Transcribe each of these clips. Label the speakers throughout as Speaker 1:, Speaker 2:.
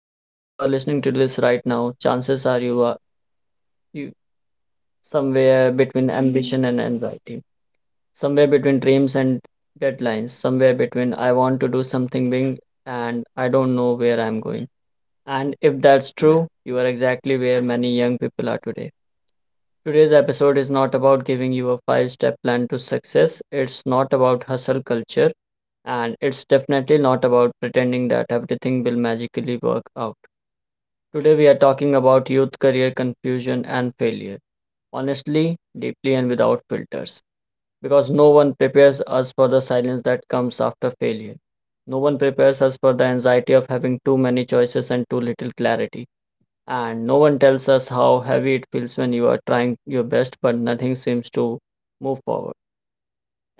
Speaker 1: If you are listening to this right now, chances are you are you, somewhere between ambition and anxiety, somewhere between dreams and deadlines, somewhere between I want to do something big and I don't know where I'm going. And if that's true, you are exactly where many young people are today. Today's episode is not about giving you a five step plan to success. It's not about hustle culture. And it's definitely not about pretending that everything will magically work out. Today, we are talking about youth career confusion and failure. Honestly, deeply, and without filters. Because no one prepares us for the silence that comes after failure. No one prepares us for the anxiety of having too many choices and too little clarity, and no one tells us how heavy it feels when you are trying your best but nothing seems to move forward.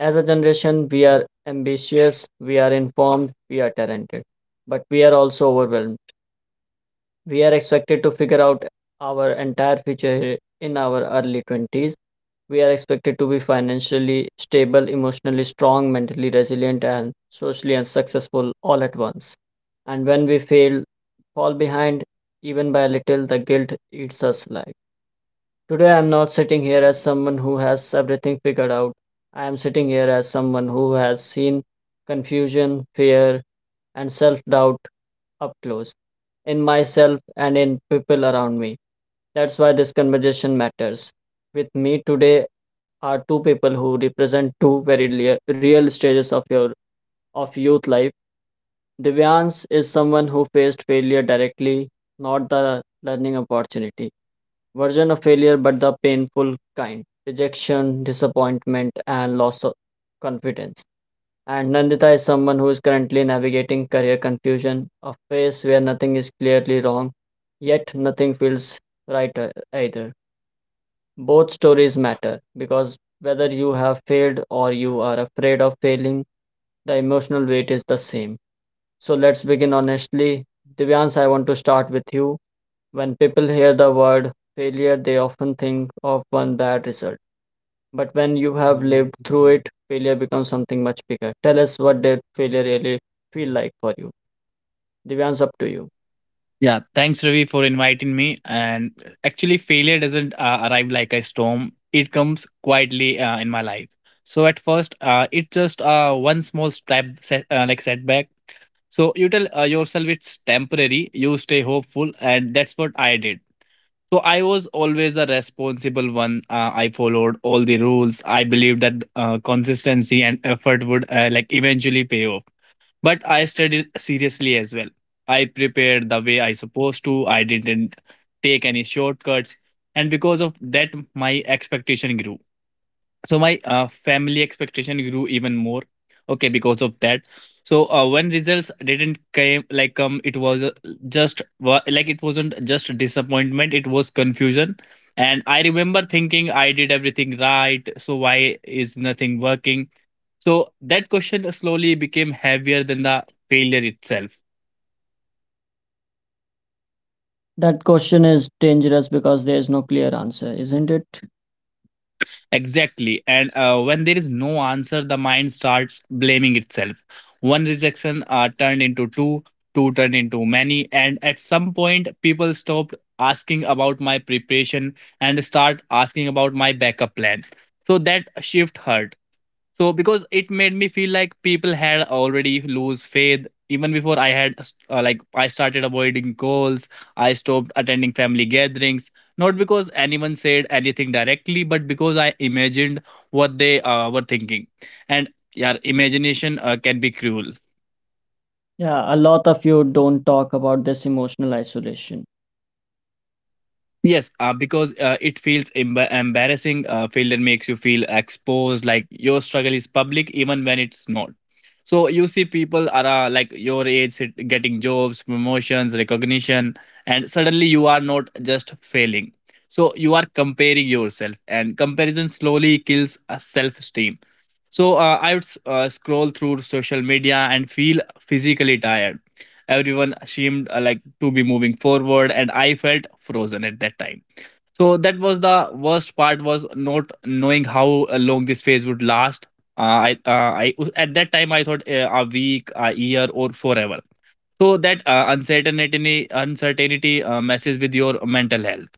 Speaker 1: As a generation, we are ambitious, we are informed, we are talented, but we are also overwhelmed. We are expected to figure out our entire future in our early 20s. We are expected to be financially stable, emotionally strong, mentally resilient, and socially and successful all at once. And when we fail, fall behind even by a little, the guilt eats us alive. Today, I'm not sitting here as someone who has everything figured out. I am sitting here as someone who has seen confusion, fear, and self doubt up close in myself and in people around me. That's why this conversation matters. With me today are two people who represent two very real stages of your of youth life. Divyans is someone who faced failure directly, not the learning opportunity version of failure, but the painful kind: rejection, disappointment, and loss of confidence. And Nandita is someone who is currently navigating career confusion, a phase where nothing is clearly wrong, yet nothing feels right either. Both stories matter because whether you have failed or you are afraid of failing, the emotional weight is the same. So let's begin honestly. Divyansh, I want to start with you. When people hear the word failure, they often think of one bad result. But when you have lived through it, failure becomes something much bigger. Tell us, what did failure really feel like for you? Divyansh, up to you.
Speaker 2: Yeah, thanks Ravi for inviting me. And actually, failure doesn't arrive like a storm; it comes quietly in my life. So at first, it's just one small step, set, like setback. So you tell yourself it's temporary. You stay hopeful, and that's what I did. So I was always a responsible one. I followed all the rules. I believed that consistency and effort would eventually pay off, but I studied seriously as well. I prepared the way I supposed to. I didn't take any shortcuts. And because of that, my expectation grew, so my family expectation grew even more, okay, because of that. So when results didn't came like come, it wasn't just disappointment, it was confusion. And I remember thinking, I did everything right, so why is nothing working? So that question slowly became heavier than the failure itself.
Speaker 1: That question is dangerous because there is no clear answer, isn't it?
Speaker 2: Exactly. And when there is no answer, the mind starts blaming itself. One rejection turned into two, two turned into many. And at some point, people stopped asking about my preparation and start asking about my backup plan. So that shift hurt. So because it made me feel like people had already lose faith even before I had. I started avoiding calls, I stopped attending family gatherings, not because anyone said anything directly, but because I imagined what they were thinking. And yeah, imagination can be cruel.
Speaker 1: Yeah, a lot of you don't talk about this emotional isolation.
Speaker 2: Yes, because it feels embarrassing. Failure makes you feel exposed, like your struggle is public, even when it's not. So you see people are your age getting jobs, promotions, recognition, and suddenly you are not just failing. So you are comparing yourself, and comparison slowly kills self esteem. I would scroll through social media and feel physically tired. Everyone seemed to be moving forward, and I felt frozen at that time. So that was the worst part was not knowing how long this phase would last. Uh, I at that time I thought a week, a year, or forever. So that uncertainty messes with your mental health.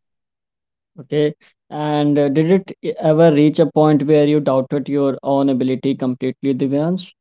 Speaker 1: Okay. And did it ever reach a point where you doubted your own ability completely, Divyansh?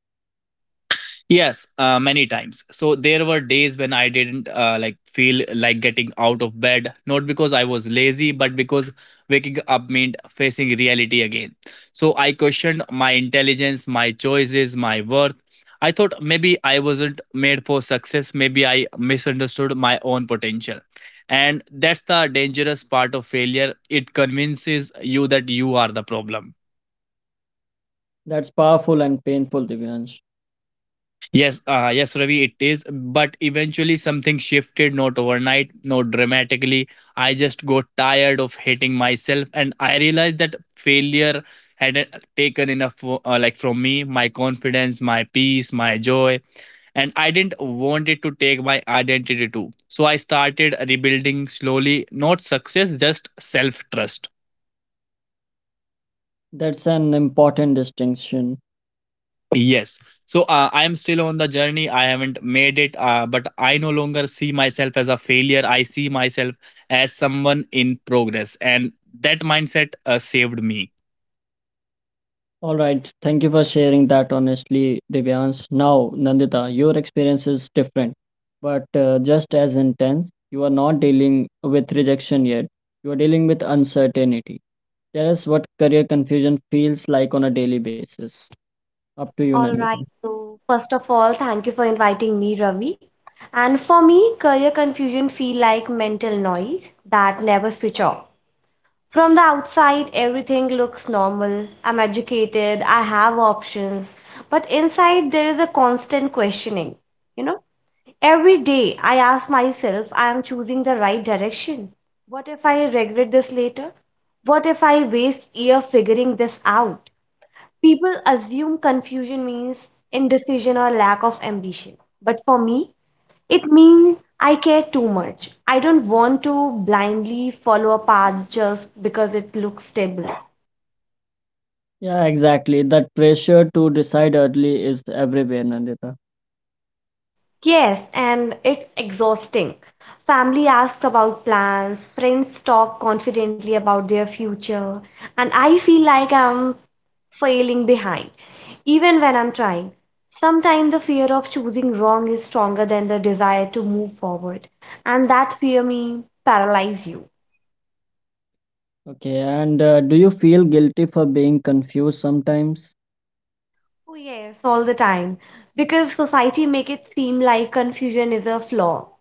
Speaker 2: Yes, many times. So there were days when I didn't feel like getting out of bed, not because I was lazy, but because waking up meant facing reality again. So I questioned my intelligence, my choices, my worth. I thought maybe I wasn't made for success, maybe I misunderstood my own potential. And that's the dangerous part of failure. It convinces you that you are the problem.
Speaker 1: That's powerful and painful, Divyansh.
Speaker 2: Yes, Ravi, it is. But eventually, something shifted, not overnight, not dramatically. I just got tired of hating myself, and I realized that failure had taken enough, from me, my confidence, my peace, my joy, and I didn't want it to take my identity too. So I started rebuilding slowly, not success, just self trust.
Speaker 1: That's an important distinction.
Speaker 2: Yes. I am still on the journey. I haven't made it, but I no longer see myself as a failure. I see myself as someone in progress. And that mindset saved me.
Speaker 1: All right, thank you for sharing that honestly, Divyansh. Now, Nandita, your experience is different, but just as intense. You are not dealing with rejection yet, you are dealing with uncertainty. Tell us what career confusion feels like on a daily basis. Up to you,
Speaker 3: All
Speaker 1: Nandita.
Speaker 3: right. So first of all, thank you for inviting me, Ravi. And for me, career confusion feel like mental noise that never switch off. From the outside, everything looks normal. I'm educated, I have options, but inside there is a constant questioning. You know, every day I ask myself, I am choosing the right direction. What if I regret this later? What if I waste year figuring this out? People assume confusion means indecision or lack of ambition. But for me, it means I care too much. I don't want to blindly follow a path just because it looks stable.
Speaker 1: Yeah, exactly. That pressure to decide early is everywhere, Nandita.
Speaker 3: Yes, and it's exhausting. Family asks about plans, friends talk confidently about their future, and I feel like I'm failing behind, even when I'm trying. Sometimes the fear of choosing wrong is stronger than the desire to move forward, and that fear may paralyze you.
Speaker 1: Okay, and do you feel guilty for being confused sometimes?
Speaker 3: Oh, yes, all the time, because society make it seem like confusion is a flaw.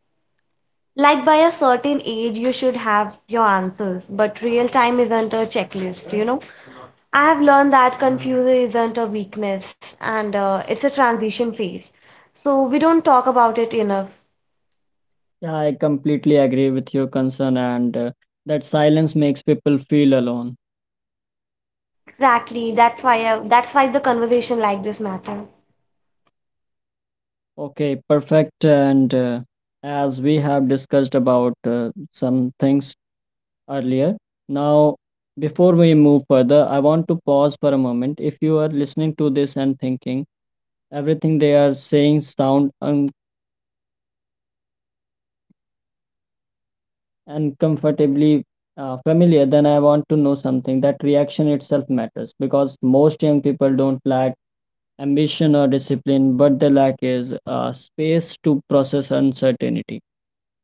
Speaker 3: Like by a certain age, you should have your answers, but real time isn't a checklist. I have learned that confusion isn't a weakness and it's a transition phase. So we don't talk about it enough.
Speaker 1: Yeah, I completely agree with your concern, and that silence makes people feel alone.
Speaker 3: Exactly. That's why the conversation like this matter
Speaker 1: Okay, perfect. And as we have discussed about some things earlier, now, before we move further, I want to pause for a moment. If you are listening to this and thinking everything they are saying sound un uncomfortably familiar, then I want to know something. That reaction itself matters because most young people don't lack ambition or discipline, but they lack is space to process uncertainty.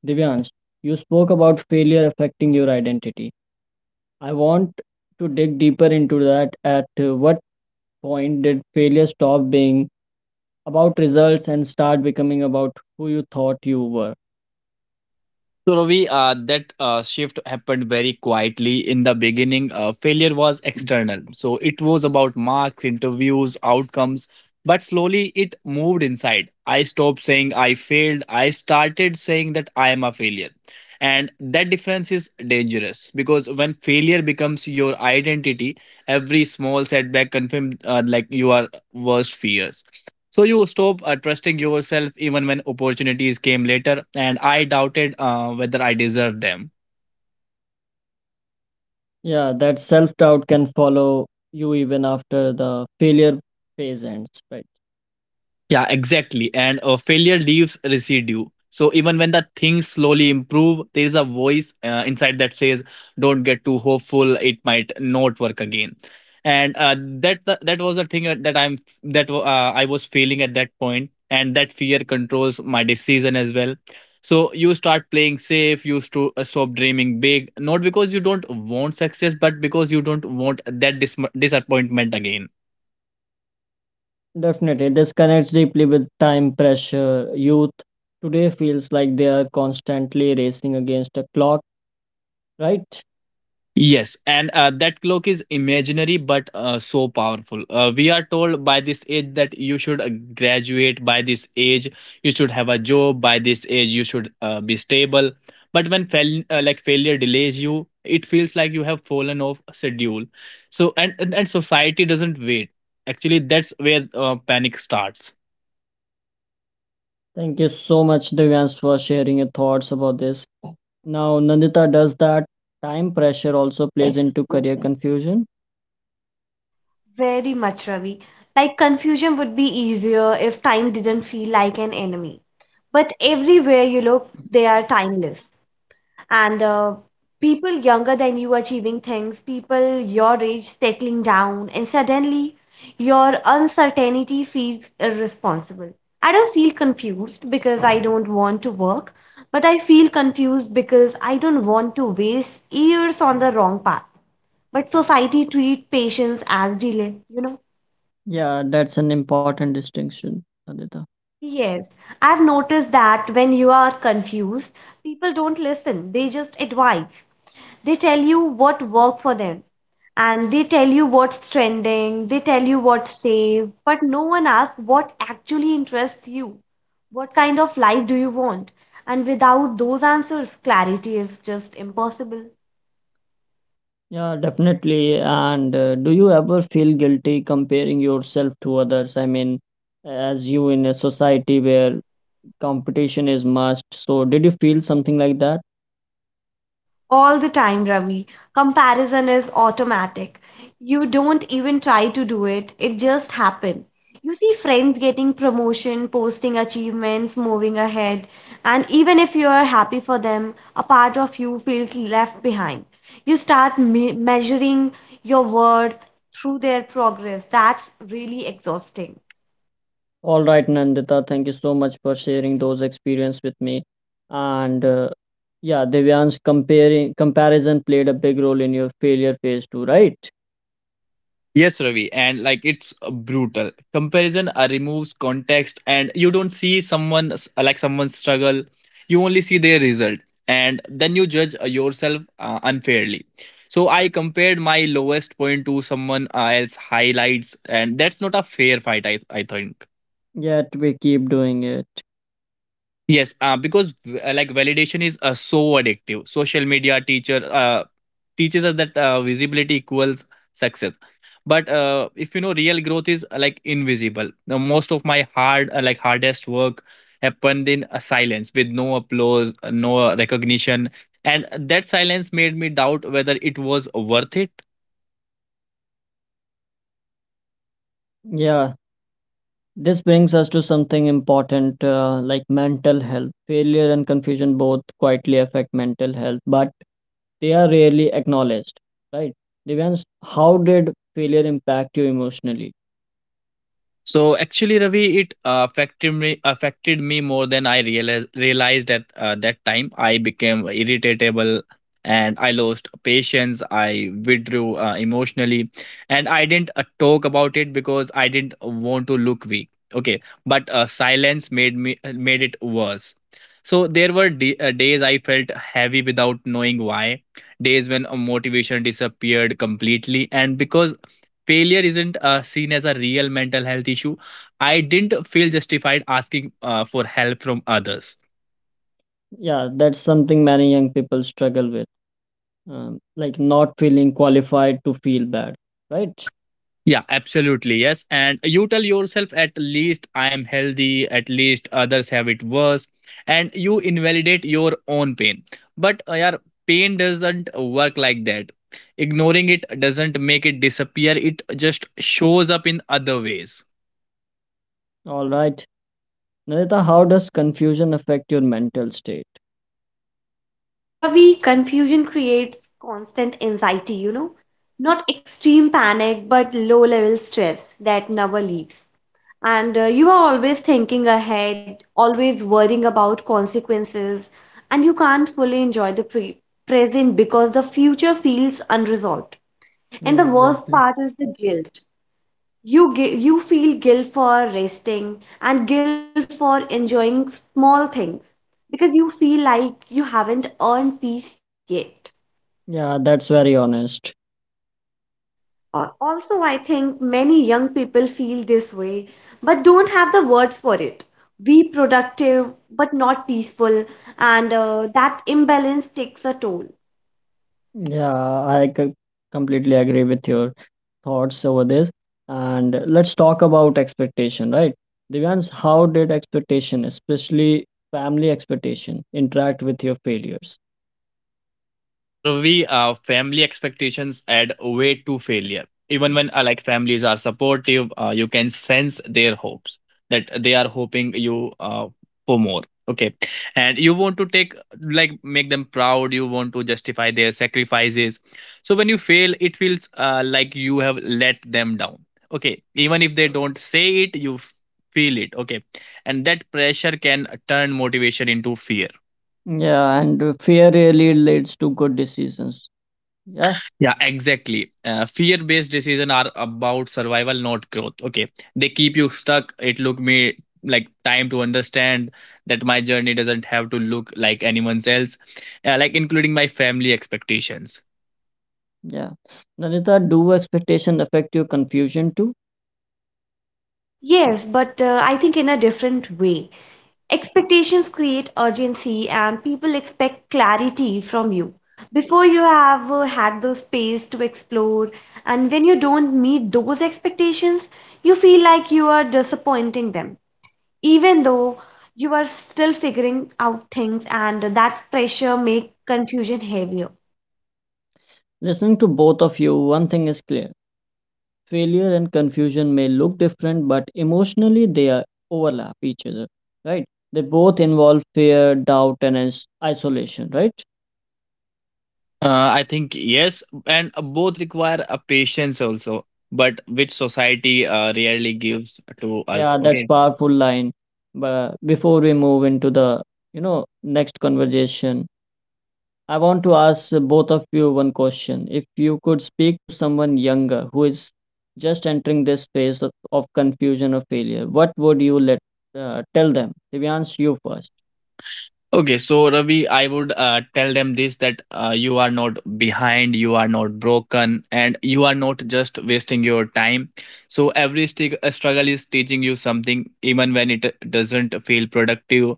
Speaker 1: Divyansh, you spoke about failure affecting your identity. I want to dig deeper into that. At what point did failure stop being about results and start becoming about who you thought you were?
Speaker 2: So Ravi, that shift happened very quietly. In the beginning, failure was external. So it was about marks, interviews, outcomes. But slowly it moved inside. I stopped saying I failed. I started saying that I am a failure. And that difference is dangerous because when failure becomes your identity, every small setback confirms you are worst fears. So you stopped trusting yourself even when opportunities came later, and I doubted whether I deserved them.
Speaker 1: Yeah, that self doubt can follow you even after the failure phase ends, right?
Speaker 2: Yeah, exactly. And failure leaves residue. So even when the things slowly improve, there is a voice inside that says, "Don't get too hopeful. It might not work again." And that that was the thing that I'm that I was feeling at that point, and that fear controls my decision as well. So you start playing safe. You stop dreaming big, not because you don't want success, but because you don't want that disappointment again.
Speaker 1: Definitely. This connects deeply with time pressure. Youth today feels like they are constantly racing against a clock, right?
Speaker 2: Yes, and that clock is imaginary but so powerful. We are told by this age that you should graduate, by this age, you should have a job, by this age, you should be stable. But when failure delays you, it feels like you have fallen off schedule. And society doesn't wait. Actually, that's where panic starts.
Speaker 1: Thank you so much, Divyans, for sharing your thoughts about this. Now, Nandita, does that time pressure also plays into career confusion?
Speaker 3: very much, Ravi. Like confusion would be easier if time didn't feel like an enemy. But everywhere you look, they are timeless. And people younger than you achieving things, people your age settling down, and suddenly your uncertainty feels irresponsible. I don't feel confused because I don't want to work, but I feel confused because I don't want to waste years on the wrong path. But society treat patience as delay.
Speaker 1: Yeah, that's an important distinction, Nandita.
Speaker 3: Yes, I've noticed that when you are confused, people don't listen, they just advise. They tell you what worked for them, and they tell you what's trending, they tell you what's safe, but no one asks what actually interests you. What kind of life do you want? And without those answers, clarity is just impossible.
Speaker 1: Yeah, definitely. And do you ever feel guilty comparing yourself to others? I mean, as you in a society where competition is must. So, did you feel something like that?
Speaker 3: All the time, Ravi. Comparison is automatic. You don't even try to do it, it just happens. You see friends getting promotion, posting achievements, moving ahead, and even if you are happy for them, a part of you feels left behind. You start measuring your worth through their progress. That's really exhausting.
Speaker 1: All right, Nandita, thank you so much for sharing those experience with me. And yeah, Divyansh, comparing comparison played a big role in your failure phase too, right?
Speaker 2: Yes, Ravi, and like it's brutal. Comparison removes context, and you don't see someone's struggle. You only see their result, and then you judge yourself unfairly. So I compared my lowest point to someone else highlights, and that's not a fair fight. I think.
Speaker 1: Yet we keep doing it.
Speaker 2: Yes, because validation is so addictive. Social media teacher teaches us that visibility equals success, but if you know, real growth is invisible. Now, most of my hardest work happened in silence with no applause, no recognition, and that silence made me doubt whether it was worth it.
Speaker 1: Yeah, this brings us to something important, like mental health. Failure and confusion both quietly affect mental health, but they are rarely acknowledged, right? Devans, how did failure impact you emotionally?
Speaker 2: So actually, Ravi, it affected me more than I realized at that time. I became irritable and I lost patience. I withdrew emotionally, and I didn't talk about it because I didn't want to look weak. Okay, but silence made it worse. So there were days I felt heavy without knowing why. Days when motivation disappeared completely, and because failure isn't seen as a real mental health issue. I didn't feel justified asking for help from others.
Speaker 1: Yeah, that's something many young people struggle with, like not feeling qualified to feel bad, right?
Speaker 2: Yeah, absolutely. Yes. And you tell yourself, at least I am healthy, at least others have it worse. And you invalidate your own pain. But yeah, pain doesn't work like that. Ignoring it doesn't make it disappear, it just shows up in other ways.
Speaker 1: All right. Narita, how does confusion affect your mental state?
Speaker 3: Ravi, confusion creates constant anxiety, not extreme panic, but low level stress that never leaves. And you are always thinking ahead, always worrying about consequences, and you can't fully enjoy the present because the future feels unresolved. And
Speaker 1: Yeah,
Speaker 3: the worst
Speaker 1: exactly.
Speaker 3: part is the guilt. You feel guilt for resting and guilt for enjoying small things because you feel like you haven't earned peace yet.
Speaker 1: Yeah, that's very honest.
Speaker 3: Also, I think many young people feel this way, but don't have the words for it. We productive, but not peaceful, and that imbalance takes a toll.
Speaker 1: Yeah, I completely agree with your thoughts over this, and let's talk about expectation, right? Divyans, how did expectation, especially family expectation, interact with your failures?
Speaker 2: So Ravi, family expectations add weight to failure. Even when families are supportive, you can sense their hopes that they are hoping you for more. Okay, and you want to take like make them proud. You want to justify their sacrifices. So when you fail, it feels like you have let them down. Okay, even if they don't say it, you feel it. Okay, and that pressure can turn motivation into fear.
Speaker 1: Yeah, and fear really leads to good decisions. Yeah,
Speaker 2: Yeah, exactly. Fear based decisions are about survival, not growth. Okay. They keep you stuck. It took me time to understand that my journey doesn't have to look like anyone's else, including my family expectations.
Speaker 1: yeah. Nanita, do expectation affect your confusion too?
Speaker 3: Yes, but I think in a different way. Expectations create urgency, and people expect clarity from you. Before you have had the space to explore, and when you don't meet those expectations, you feel like you are disappointing them. Even though you are still figuring out things and that's pressure make confusion heavier.
Speaker 1: Listening to both of you, one thing is clear. Failure and confusion may look different, but emotionally they are overlap each other, right? They both involve fear, doubt, and isolation, right?
Speaker 2: I think yes, and both require a patience also, but which society rarely gives to us.
Speaker 1: Yeah, that's
Speaker 2: Okay.
Speaker 1: powerful line. But before we move into the next conversation, I want to ask both of you one question. If you could speak to someone younger who is just entering this phase of confusion or failure, what would you let tell them? Divyansh, you first.
Speaker 2: Okay, so Ravi, I would tell them this, that you are not behind, you are not broken, and you are not just wasting your time. So every struggle is teaching you something, even when it doesn't feel productive.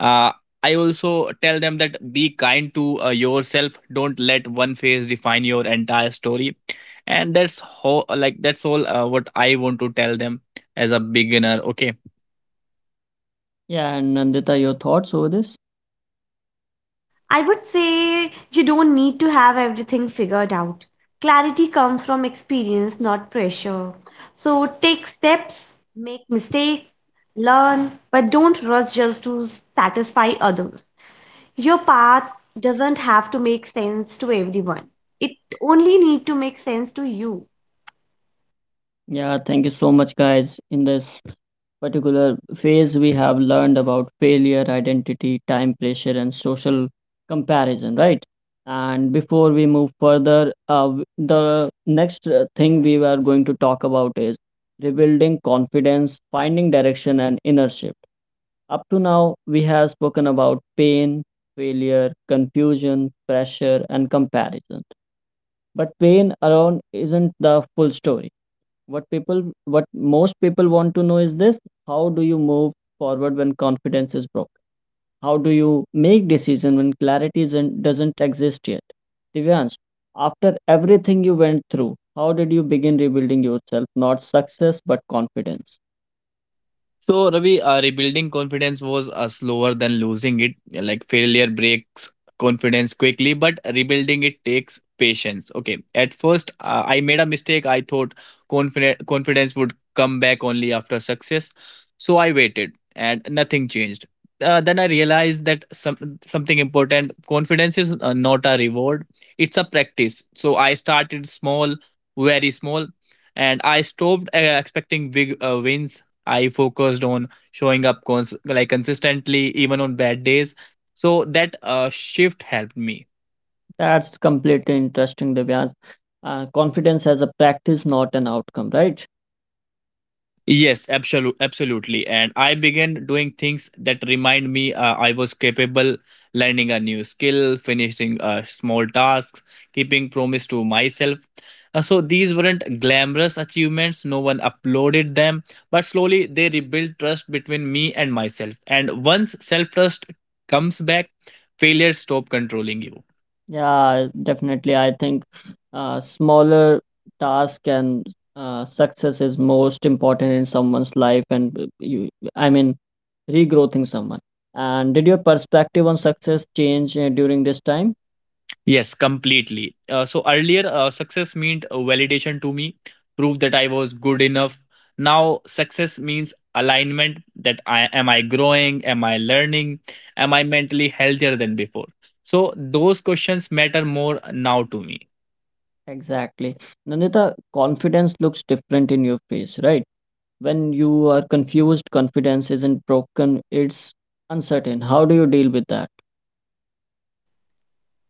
Speaker 2: Uh, I also tell them that be kind to yourself. Don't let one phase define your entire story, and that's how like that's all what I want to tell them as a beginner. Okay.
Speaker 1: Yeah, and Nandita, your thoughts over this?
Speaker 3: I would say you don't need to have everything figured out. Clarity comes from experience, not pressure. So take steps, make mistakes, learn, but don't rush just to satisfy others. Your path doesn't have to make sense to everyone. It only need to make sense to you.
Speaker 1: Yeah, thank you so much, guys. In this particular phase, we have learned about failure, identity, time pressure, and social comparison, right? And before we move further, the next thing we are going to talk about is rebuilding confidence, finding direction, and inner shift. Up to now, we have spoken about pain, failure, confusion, pressure, and comparison. But pain alone isn't the full story. What people, what most people want to know is this: How do you move forward when confidence is broken? How do you make decision when clarity isn't, doesn't exist yet? Divyansh, after everything you went through, how did you begin rebuilding yourself? Not success, but confidence.
Speaker 2: So, Ravi, rebuilding confidence was slower than losing it. Like failure breaks confidence quickly, but rebuilding it takes patience. Okay, at first I made a mistake. I thought confident confidence would come back only after success, so I waited, and nothing changed. Then I realized that some something important. Confidence is not a reward; it's a practice. So I started small, very small, and I stopped expecting big wins. I focused on showing up consistently even on bad days. So that shift helped me.
Speaker 1: That's completely interesting, Divyansh. Confidence as a practice, not an outcome, right?
Speaker 2: Yes, absolutely, absolutely. And I began doing things that remind me I was capable, learning a new skill, finishing small tasks, keeping promise to myself. So these weren't glamorous achievements. No one uploaded them, but slowly they rebuilt trust between me and myself. And once self trust comes back, failure stop controlling you.
Speaker 1: Yeah, definitely. I think smaller task and success is most important in someone's life, and you, I mean, regrowing someone. And did your perspective on success change during this time?
Speaker 2: Yes, completely. So earlier, success meant validation to me, proof that I was good enough. Now, success means alignment, that I am I growing, am I learning, am I mentally healthier than before. So those questions matter more now to me.
Speaker 1: Exactly. Nandita, confidence looks different in your face, right? When you are confused, confidence isn't broken, it's uncertain. How do you deal with that?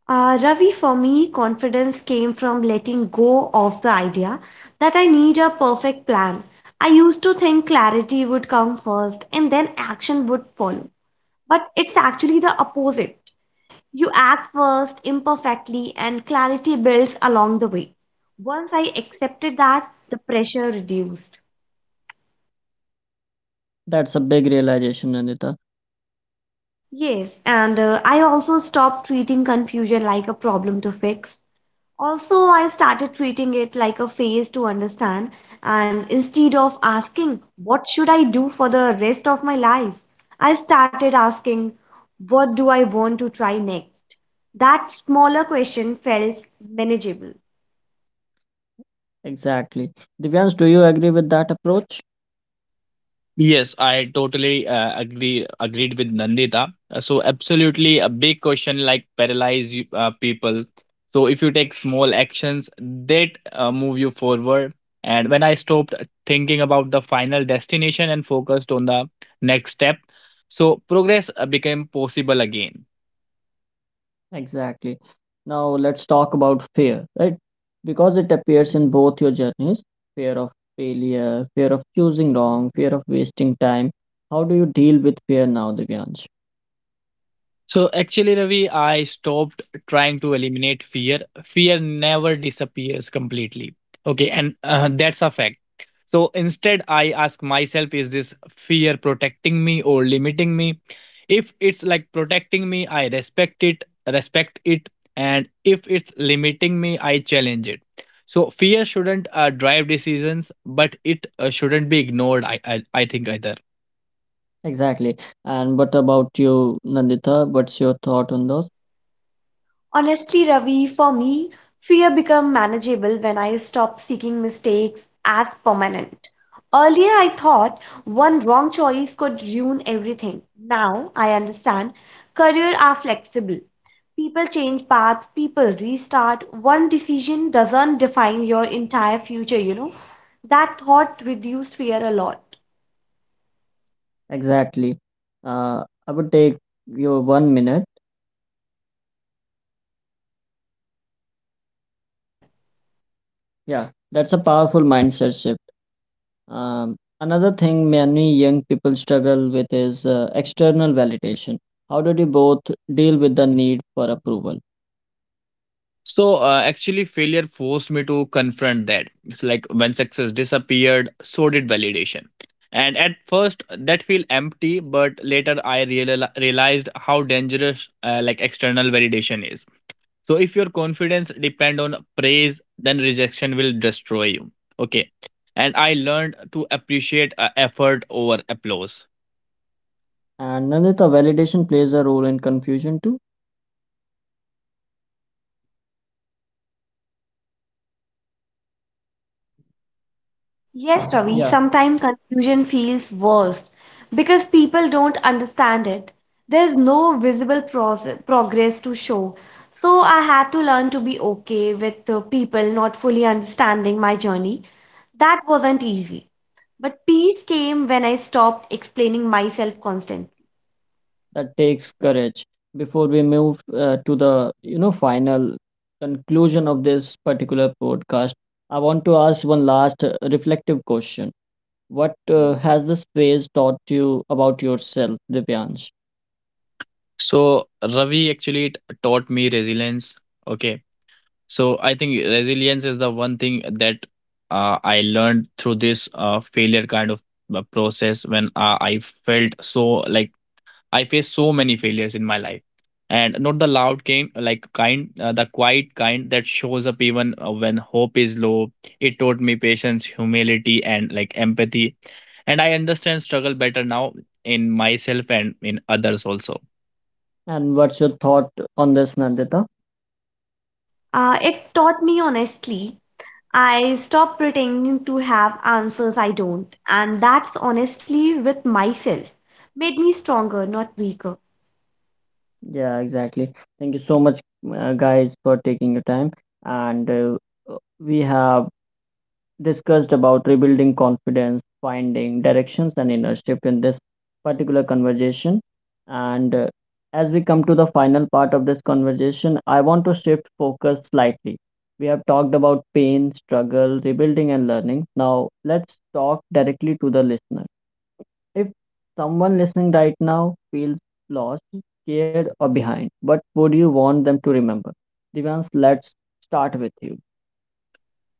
Speaker 3: Ravi, for me, confidence came from letting go of the idea that I need a perfect plan. I used to think clarity would come first and then action would follow. But it's actually the opposite. You act first imperfectly and clarity builds along the way. Once I accepted that, the pressure reduced.
Speaker 1: That's a big realization, Nandita.
Speaker 3: Yes, and I also stopped treating confusion like a problem to fix. Also, I started treating it like a phase to understand, and instead of asking, "What should I do for the rest of my life?" I started asking, "What do I want to try next?" That smaller question felt manageable.
Speaker 1: Exactly. Divyansh, do you agree with that approach?
Speaker 2: Yes, I totally agreed with Nandita. So absolutely a big question like paralyze you, people. So if you take small actions that move you forward, and when I stopped thinking about the final destination and focused on the next step, so progress became possible again.
Speaker 1: Exactly. Now let's talk about fear, right? Because it appears in both your journeys, fear of failure, fear of choosing wrong, fear of wasting time. How do you deal with fear now, Divyansh?
Speaker 2: So actually, Ravi, I stopped trying to eliminate fear. Fear never disappears completely. Okay, and that's a fact. So instead, I ask myself, is this fear protecting me or limiting me? If it's like protecting me, respect it, and if it's limiting me, I challenge it. So fear shouldn't drive decisions, but it shouldn't be ignored. I think either.
Speaker 1: Exactly. And what about you, Nandita? What's your thought on those?
Speaker 3: Honestly, Ravi, for me, fear become manageable when I stop seeking mistakes as permanent. Earlier, I thought one wrong choice could ruin everything. Now, I understand career are flexible. People change paths, people restart. One decision doesn't define your entire future, you know. That thought reduced fear a lot.
Speaker 1: Exactly. Uh, I would take your 1 minute.
Speaker 3: Sure.
Speaker 1: Yeah, that's a powerful mindset shift. Another thing many young people struggle with is external validation. How did you both deal with the need for approval?
Speaker 2: So actually, failure forced me to confront that. It's like when success disappeared, so did validation. And at first, that feel empty, but later I realized how dangerous external validation is. So if your confidence depend on praise, then rejection will destroy you. Okay, and I learned to appreciate effort over applause.
Speaker 1: And Nandita, validation plays a role in confusion too.
Speaker 3: Yes, Ravi,
Speaker 1: Yeah,
Speaker 3: sometimes confusion feels worse because people don't understand it. There's no visible progress to show. So I had to learn to be okay with people not fully understanding my journey. That wasn't easy. But peace came when I stopped explaining myself constantly.
Speaker 1: that takes courage. Before we move to the final conclusion of this particular podcast, I want to ask one last reflective question. What has this phase taught you about yourself, Divyansh?
Speaker 2: So Ravi, actually it taught me resilience. Okay. So I think resilience is the one thing that I learned through this failure kind of process when I faced so many failures in my life. And not the loud kind, the quiet kind that shows up even when hope is low. It taught me patience, humility, and empathy. And I understand struggle better now, in myself and in others also.
Speaker 1: And what's your thought on this, Nandita?
Speaker 3: It taught me honestly. I stopped pretending to have answers I don't, and that's honestly with myself. Made me stronger, not weaker.
Speaker 1: Yeah, exactly. Thank you so much, guys, for taking your time. And we have discussed about rebuilding confidence, finding directions, and innership in this particular conversation. And as we come to the final part of this conversation, I want to shift focus slightly. We have talked about pain, struggle, rebuilding, and learning. Now, let's talk directly to the listener. If someone listening right now feels lost, scared, or behind, what would you want them to remember? Divans, let's start with you.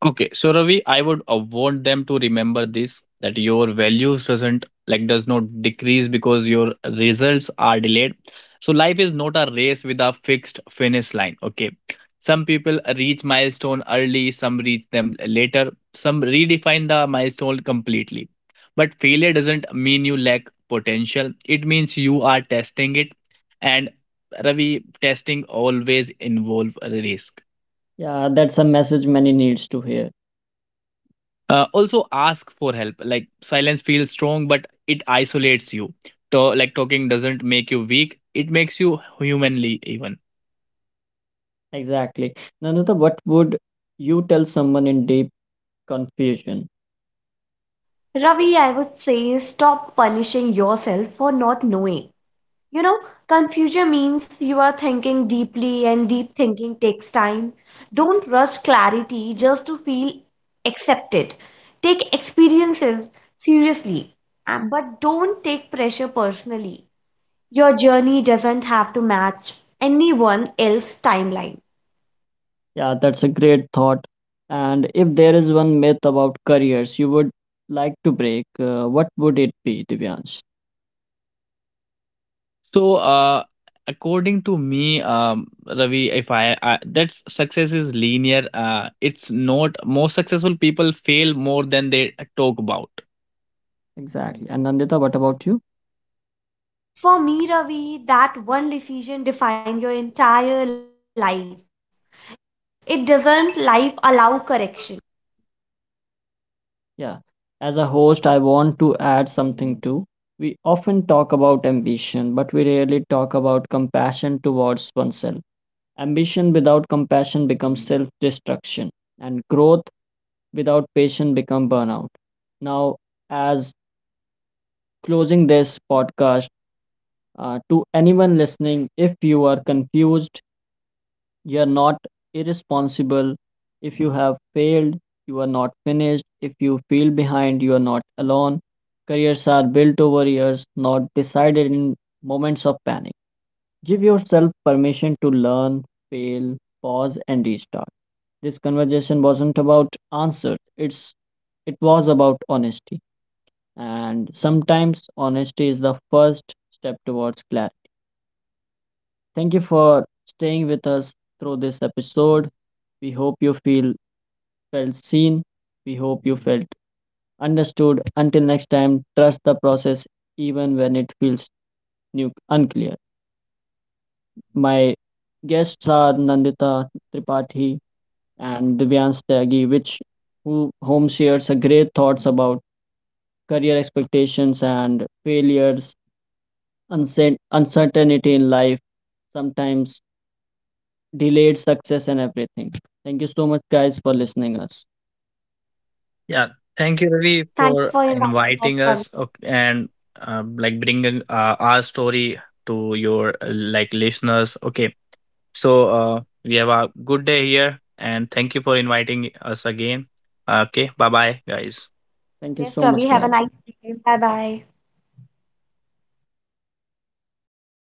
Speaker 2: Okay, so Ravi, I would want them to remember this, that your values does not decrease because your results are delayed. So life is not a race with a fixed finish line. Okay, some people reach milestone early, some reach them later, some redefine the milestone completely. But failure doesn't mean you lack potential. It means you are testing it, and Ravi, testing always involve a risk.
Speaker 1: Yeah, that's a message many needs to hear.
Speaker 2: Also ask for help. Like silence feels strong, but it isolates you. Talking doesn't make you weak; it makes you humanly even.
Speaker 1: Exactly. Nandita, what would you tell someone in deep confusion?
Speaker 3: Ravi, I would say stop punishing yourself for not knowing. You know, confusion means you are thinking deeply, and deep thinking takes time. Don't rush clarity just to feel accepted. Take experiences seriously, and- but don't take pressure personally. Your journey doesn't have to match anyone else's timeline.
Speaker 1: Yeah, that's a great thought. And if there is one myth about careers you would like to break, what would it be, Divyansh?
Speaker 2: So, according to me, Ravi, if I, I that success is linear. It's not. Most successful people fail more than they talk about.
Speaker 1: Exactly. And Nandita, what about you?
Speaker 3: For me, Ravi, that one decision defined your entire life. It doesn't life allow correction.
Speaker 1: Yeah, as a host, I want to add something too. We often talk about ambition, but we rarely talk about compassion towards oneself. Ambition without compassion becomes self destruction, and growth without patience becomes burnout. Now, as closing this podcast, to anyone listening, if you are confused, you are not irresponsible; if you have failed, you are not finished; if you feel behind, you are not alone. Careers are built over years, not decided in moments of panic. Give yourself permission to learn, fail, pause, and restart. This conversation wasn't about answers, it was about honesty. And sometimes honesty is the first step towards clarity. Thank you for staying with us through this episode. We hope you feel felt seen. We hope you felt understood. Until next time, trust the process even when it feels unclear. My guests are Nandita Tripathi and Divyansh Tyagi, which who home shares a great thoughts about career expectations and failures, uncertainty in life, sometimes delayed success and everything. Thank you so much guys for listening us.
Speaker 2: Yeah. Thank you,
Speaker 3: Thank
Speaker 2: Ravi,
Speaker 3: you for
Speaker 2: for
Speaker 3: inviting us, Ravi.
Speaker 2: inviting us, okay, and bringing our story to your listeners. Okay. So we have a good day here, and thank you for inviting us again. Okay, bye bye, guys.
Speaker 1: Thank you
Speaker 3: Yes,
Speaker 1: so much
Speaker 3: Ravi, have a
Speaker 1: guys.
Speaker 3: nice day. Bye bye.